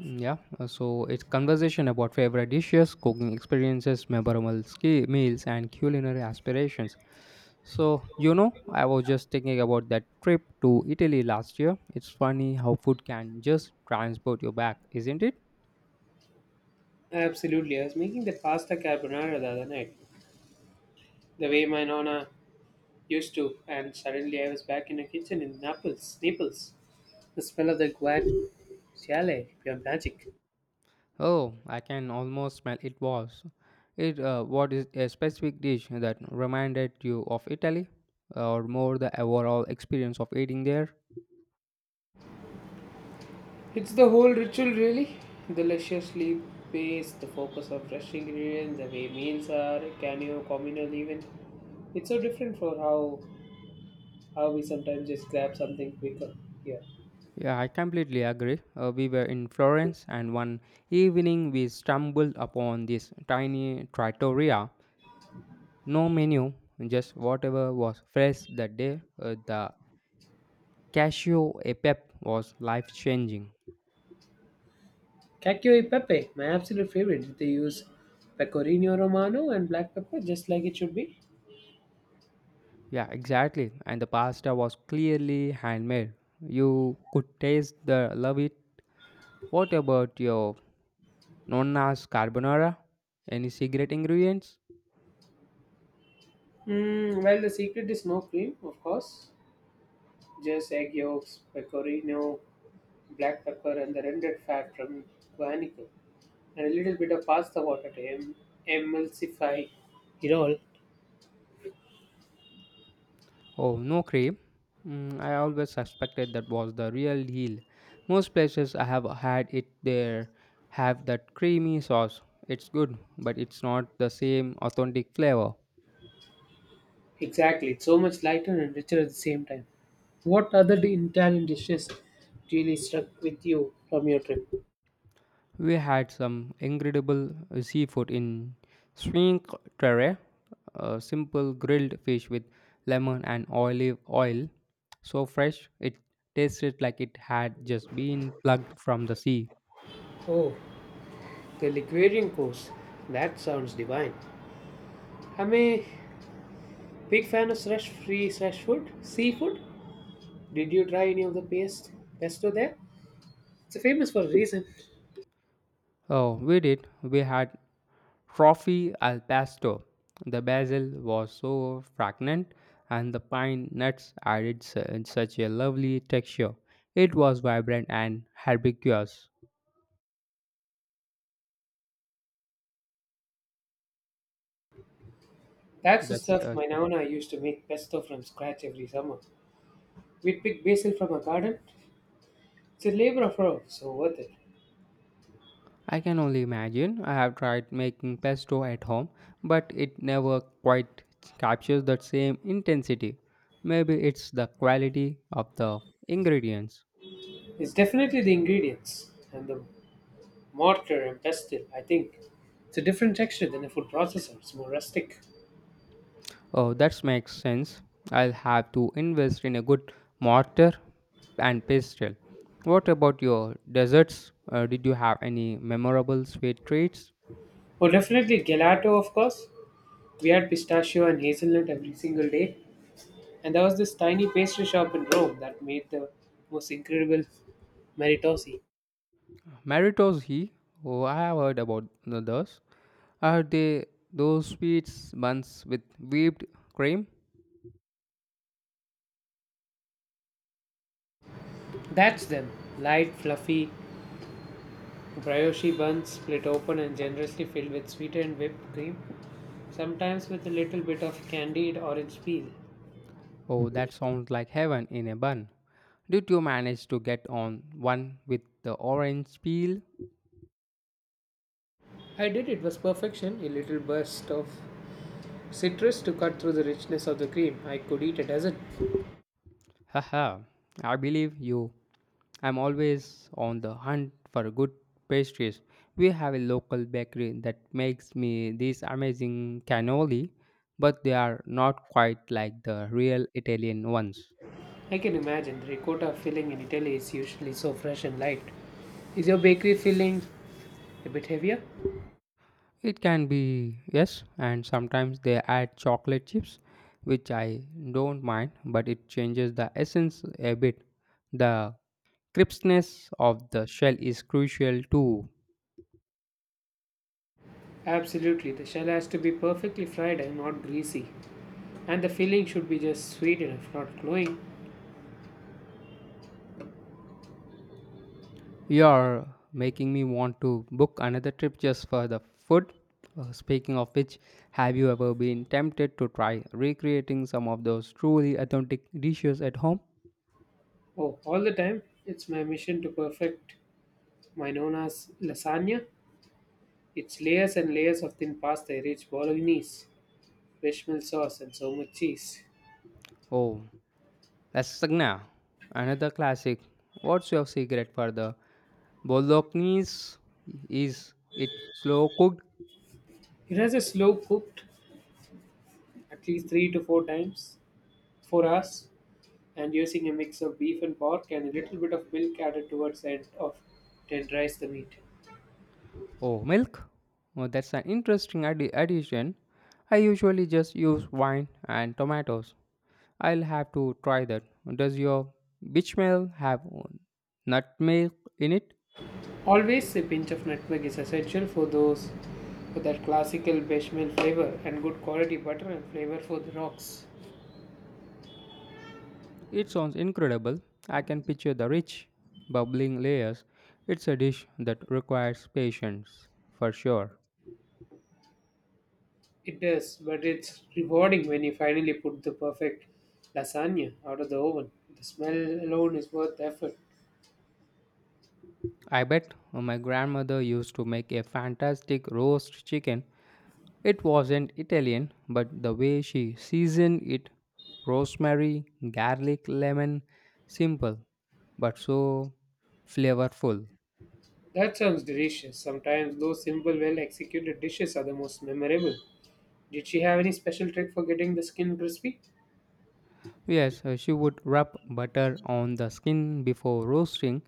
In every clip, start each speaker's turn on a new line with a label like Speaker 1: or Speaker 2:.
Speaker 1: Mm, yeah, so it's conversation about favorite dishes, cooking experiences, meals, and culinary aspirations. I was just thinking about that trip to Italy last year. It's funny how food can just transport you back, isn't it?
Speaker 2: Absolutely. I was making the pasta carbonara the other night, the way my nonna used to, and suddenly I was back in the kitchen in Naples. The smell of the guanciale, pure magic.
Speaker 1: Oh, I can almost smell it was. It What is a specific dish that reminded you of Italy or more the overall experience of eating there?
Speaker 2: It's the whole ritual, really. Deliciously paced, the focus of fresh ingredients, the way meals are, a communal even. It's so different for how we sometimes just grab something quicker here.
Speaker 1: Yeah, I completely agree. We were in Florence, and one evening we stumbled upon this tiny trattoria. No menu, just whatever was fresh that day. The cashew e pep was life changing.
Speaker 2: Cacio e pepe, my absolute favorite. They use pecorino romano and black pepper just like it should be.
Speaker 1: Yeah, exactly. And the pasta was clearly handmade. You could taste the love it. What about your nonna's carbonara? Any secret ingredients?
Speaker 2: Well, the secret is no cream, of course. Just egg yolks, pecorino, black pepper, and the rendered fat from guanico, and a little bit of pasta water to emulsify it all.
Speaker 1: Oh, no cream. Mm, I always suspected that was the real deal. Most places I have had it there have that creamy sauce. It's good, but it's not the same authentic flavor.
Speaker 2: Exactly, it's so much lighter and richer at the same time. What other Italian dishes really struck with you from your trip?
Speaker 1: We had some incredible seafood in Swink Terre, a simple grilled fish with lemon and olive oil. So fresh, it tasted like it had just been plucked from the sea.
Speaker 2: Oh, the liquidation course. That sounds divine. I'm a big fan of fresh food, seafood. Did you try any of the paste pesto there? It's famous for a reason.
Speaker 1: Oh, we did. We had trophy al pastor. The basil was so fragrant, and the pine nuts added such a lovely texture. It was vibrant and herbaceous.
Speaker 2: That's the
Speaker 1: That's
Speaker 2: stuff my nana used to make pesto from scratch every summer. We'd pick basil from our garden. It's a labor of love, so worth it.
Speaker 1: I can only imagine. I have tried making pesto at home, but it never quite captures that same intensity. Maybe it's the quality of the ingredients.
Speaker 2: It's definitely the ingredients and the mortar and pestle, I think. It's a different texture than a food processor. It's more rustic.
Speaker 1: Oh, that makes sense. I'll have to invest in a good mortar and pestle. What about your desserts? Did you have any memorable sweet treats?
Speaker 2: Oh, definitely gelato, of course. We had pistachio and hazelnut every single day. And there was this tiny pastry shop in Rome that made the most incredible meritosi.
Speaker 1: Maritos he? Oh, I have heard about those. Are they those sweets buns with whipped cream?
Speaker 2: That's them. Light, fluffy, brioche buns split open and generously filled with sweetened whipped cream, sometimes with a little bit of candied orange peel.
Speaker 1: Oh, that sounds like heaven in a bun. Did you manage to get on one with the orange peel?
Speaker 2: I did it was perfection, a little burst of citrus to cut through the richness of the cream. I could eat a dozen.
Speaker 1: Haha, I believe you. I'm always on the hunt for good pastries. We have a local bakery that makes me these amazing cannoli, but they are not quite like the real Italian ones.
Speaker 2: I can imagine the ricotta filling in Italy is usually so fresh and light. Is your bakery filling a bit heavier?
Speaker 1: It can be, yes, and sometimes they add chocolate chips, which I don't mind, but it changes the essence a bit. The crispness of the shell is crucial too.
Speaker 2: Absolutely, the shell has to be perfectly fried and not greasy. And the filling should be just sweet enough, not glowing.
Speaker 1: You're making me want to book another trip just for the food. Speaking of which, have you ever been tempted to try recreating some of those truly authentic dishes at home?
Speaker 2: Oh, all the time, it's my mission to perfect my Nona's lasagna. It's layers and layers of thin pasta, rich bolognese, bechamel sauce, and so much cheese.
Speaker 1: Oh, lasagna, another classic. What's your secret for the bolognese? Is it slow cooked?
Speaker 2: It has a slow cooked, at least three to four times, 4 hours, and using a mix of beef and pork and a little bit of milk added towards the end of tenderize the meat.
Speaker 1: Oh, milk? Oh, that's an addition. I usually just use wine and tomatoes. I'll have to try that. Does your bechamel have nutmeg in it?
Speaker 2: Always a pinch of nutmeg is essential for those for that classical bechamel flavor and good quality butter and flavor for the rocks.
Speaker 1: It sounds incredible. I can picture the rich, bubbling layers. It's a dish that requires patience, for sure.
Speaker 2: It does, but it's rewarding when you finally put the perfect lasagna out of the oven. The smell alone is worth the effort.
Speaker 1: I bet my grandmother used to make a fantastic roast chicken. It wasn't Italian, but the way she seasoned it rosemary, garlic, lemon, simple but so flavorful.
Speaker 2: That sounds delicious. Sometimes those simple, well executed dishes are the most memorable. Did she have any special trick for getting the skin crispy?
Speaker 1: Yes, she would rub butter on the skin before roasting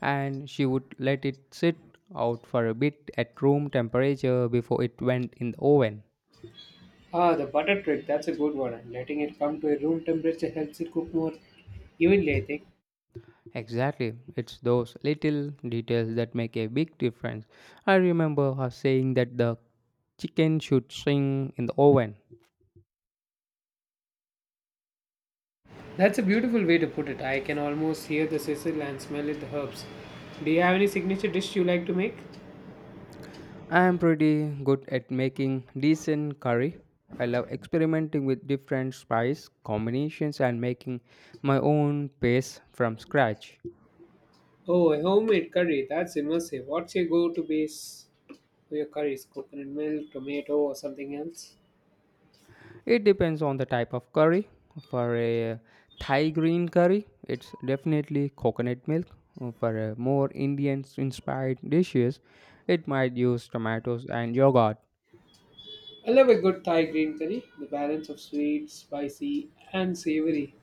Speaker 1: and she would let it sit out for a bit at room temperature before it went in the oven.
Speaker 2: Ah, the butter trick, that's a good one. And letting it come to a room temperature helps it cook more evenly, I think.
Speaker 1: Exactly, it's those little details that make a big difference. I remember her saying that the chicken should shrink in the oven.
Speaker 2: That's a beautiful way to put it. I can almost hear the sizzle and smell it, the herbs. Do you have any signature dish you like to make?
Speaker 1: I am pretty good at making decent curry. I love experimenting with different spice combinations and making my own paste from scratch.
Speaker 2: Oh, a homemade curry. That's immersive. What's your go-to base for your curries? Coconut milk, tomato, or something else?
Speaker 1: It depends on the type of curry. For a Thai green curry, it's definitely coconut milk. For a more Indian inspired dishes, it might use tomatoes and yogurt.
Speaker 2: I love a good Thai green curry. The balance of sweet, spicy, and savory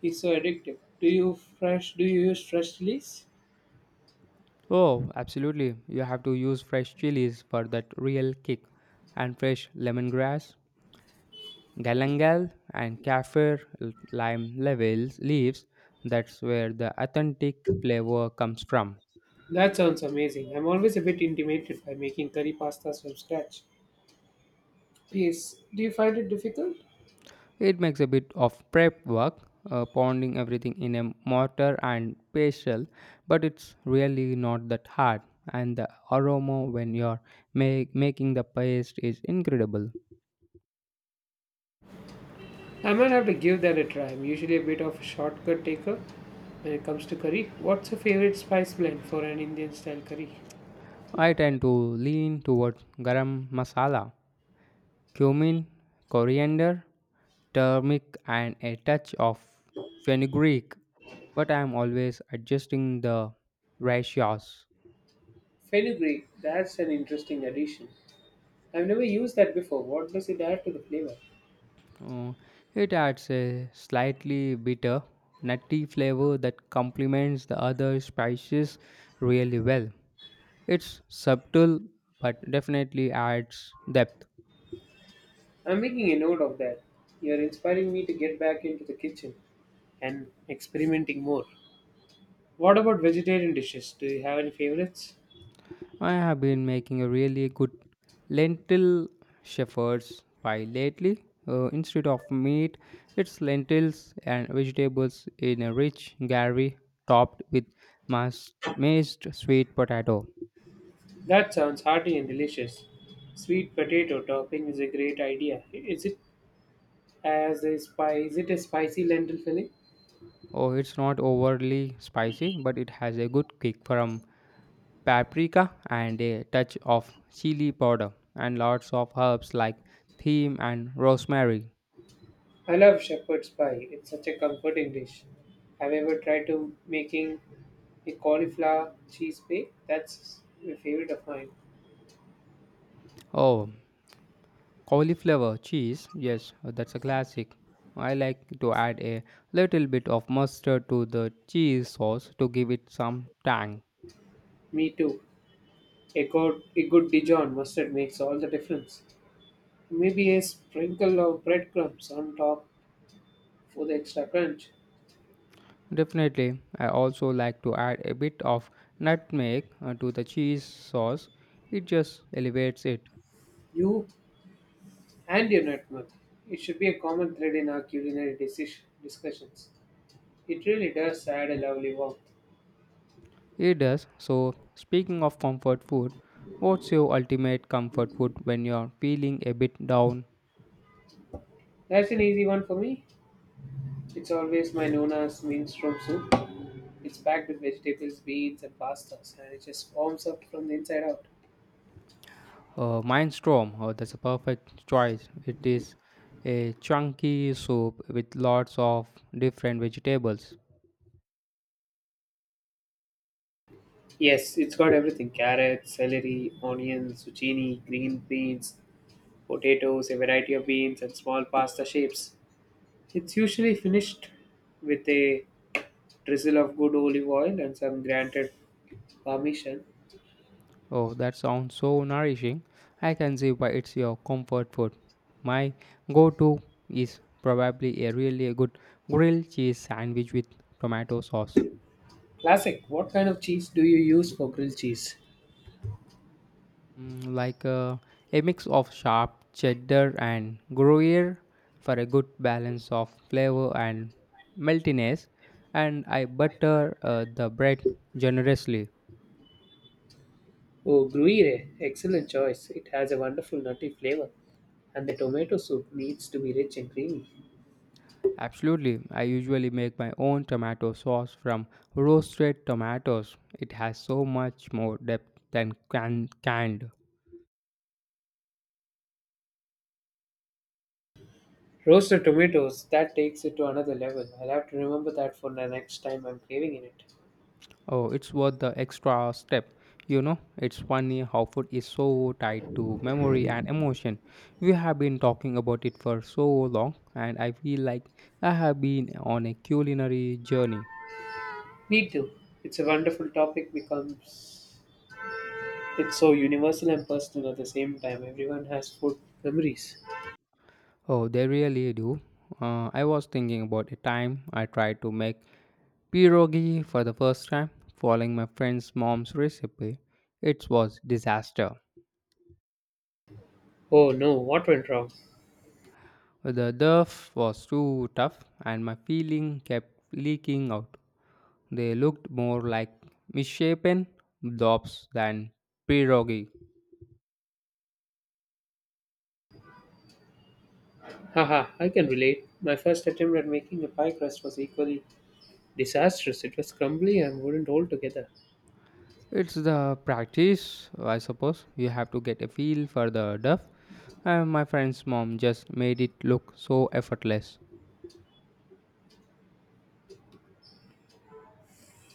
Speaker 2: is so addictive. Do you use fresh chilies?
Speaker 1: Oh, absolutely. You have to use fresh chilies for that real kick and fresh lemongrass, galangal and kaffir l- lime levels leaves. That's where the authentic flavor comes from.
Speaker 2: That sounds amazing. I'm always a bit intimidated by making curry pastas from scratch. Yes. Do you find it difficult?
Speaker 1: It makes a bit of prep work, pounding everything in a mortar and pestle, but it's really not that hard. And the aroma when you're making the paste is incredible.
Speaker 2: I might have to give that a try. I'm usually a bit of a shortcut taker when it comes to curry. What's your favorite spice blend for an Indian style curry?
Speaker 1: I tend to lean towards garam masala, cumin, coriander, turmeric, and a touch of fenugreek, but I'm always adjusting the ratios.
Speaker 2: Fenugreek, that's an interesting addition. I've never used that before. What does it add to the flavor?
Speaker 1: Oh, it adds a slightly bitter, nutty flavor that complements the other spices really well. It's subtle but definitely adds depth.
Speaker 2: I'm making a note of that. You're inspiring me to get back into the kitchen and experimenting more. What about vegetarian dishes? Do you have any favorites?
Speaker 1: I have been making a really good lentil shepherd's pie lately. Instead of meat, it's lentils and vegetables in a rich gravy topped with mashed sweet potato.
Speaker 2: That sounds hearty and delicious. Sweet potato topping is a great idea. Is it as a spice. Is it a spicy lentil filling?
Speaker 1: Oh, it's not overly spicy, but it has a good kick from paprika and a touch of chili powder and lots of herbs like thyme and rosemary.
Speaker 2: I love shepherd's pie. It's such a comforting dish. Have you ever tried to making a cauliflower cheese bake? That's a favorite of mine.
Speaker 1: Oh, cauliflower cheese. Yes, that's a classic. I like to add a little bit of mustard to the cheese sauce to give it some tang.
Speaker 2: Me too. A good Dijon mustard makes all the difference. Maybe a sprinkle of breadcrumbs on top for the extra crunch.
Speaker 1: Definitely, I also like to add a bit of nutmeg to the cheese sauce. It just elevates it.
Speaker 2: You and your nutmeg. It should be a common thread in our culinary decision discussions. It really does add a lovely warmth.
Speaker 1: It does. So, speaking of comfort food, what's your ultimate comfort food when you're feeling a bit down?
Speaker 2: That's an easy one for me. It's always my Nona's minestrone soup. It's packed with vegetables, beans, and pastas, and it just warms up from the inside out.
Speaker 1: Mindstorm, oh, that's a perfect choice. It is a chunky soup with lots of different vegetables.
Speaker 2: Yes, it's got everything carrots, celery, onions, zucchini, green beans, potatoes, a variety of beans, and small pasta shapes. It's usually finished with a drizzle of good olive oil and some grated parmesan.
Speaker 1: Oh, that sounds so nourishing. I can see why it's your comfort food. My go to is probably a really good grilled cheese sandwich with tomato sauce.
Speaker 2: Classic, what kind of cheese do you use for grilled cheese?
Speaker 1: Mm, like uh, a mix of sharp cheddar and gruyere for a good balance of flavor and meltiness, and I butter the bread generously.
Speaker 2: Oh, Gruyere, excellent choice. It has a wonderful nutty flavor, and the tomato soup needs to be rich and creamy.
Speaker 1: Absolutely, I usually make my own tomato sauce from roasted tomatoes. It has so much more depth than canned.
Speaker 2: Roasted tomatoes, that takes it to another level. I'll have to remember that for the next time I'm craving in it.
Speaker 1: Oh, it's worth the extra step. You know, it's funny how food is so tied to memory and emotion. We have been talking about it for so long, and I feel like I have been on a culinary journey.
Speaker 2: Me too. It's a wonderful topic becomes it's so universal and personal at the same time. Everyone has food memories.
Speaker 1: Oh, they really do. I was thinking about a time I tried to make pierogi for the first time, following my friend's mom's recipe. It was disaster.
Speaker 2: Oh no, what went wrong?
Speaker 1: The dough was too tough, and my filling kept leaking out. They looked more like misshapen blobs than pierogi.
Speaker 2: Haha, I can relate. My first attempt at making a pie crust was equally disastrous. It was crumbly and wouldn't hold together.
Speaker 1: It's the practice, I suppose. You have to get a feel for the duff. And my friend's mom just made it look so effortless.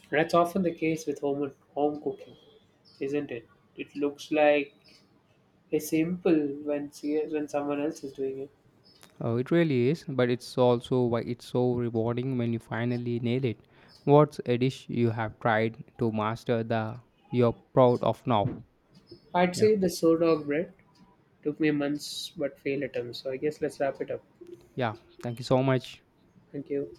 Speaker 2: That's often the case with home cooking, isn't it? It looks like a simple when someone else is doing it.
Speaker 1: Oh, it really is, but it's also why it's so rewarding when you finally nail it. What's a dish you have tried to master the you're proud of now?
Speaker 2: I'd
Speaker 1: Yeah.
Speaker 2: say the sourdough bread took me months but failed attempts. So I guess let's wrap it up.
Speaker 1: Yeah. Thank you so much.
Speaker 2: Thank you.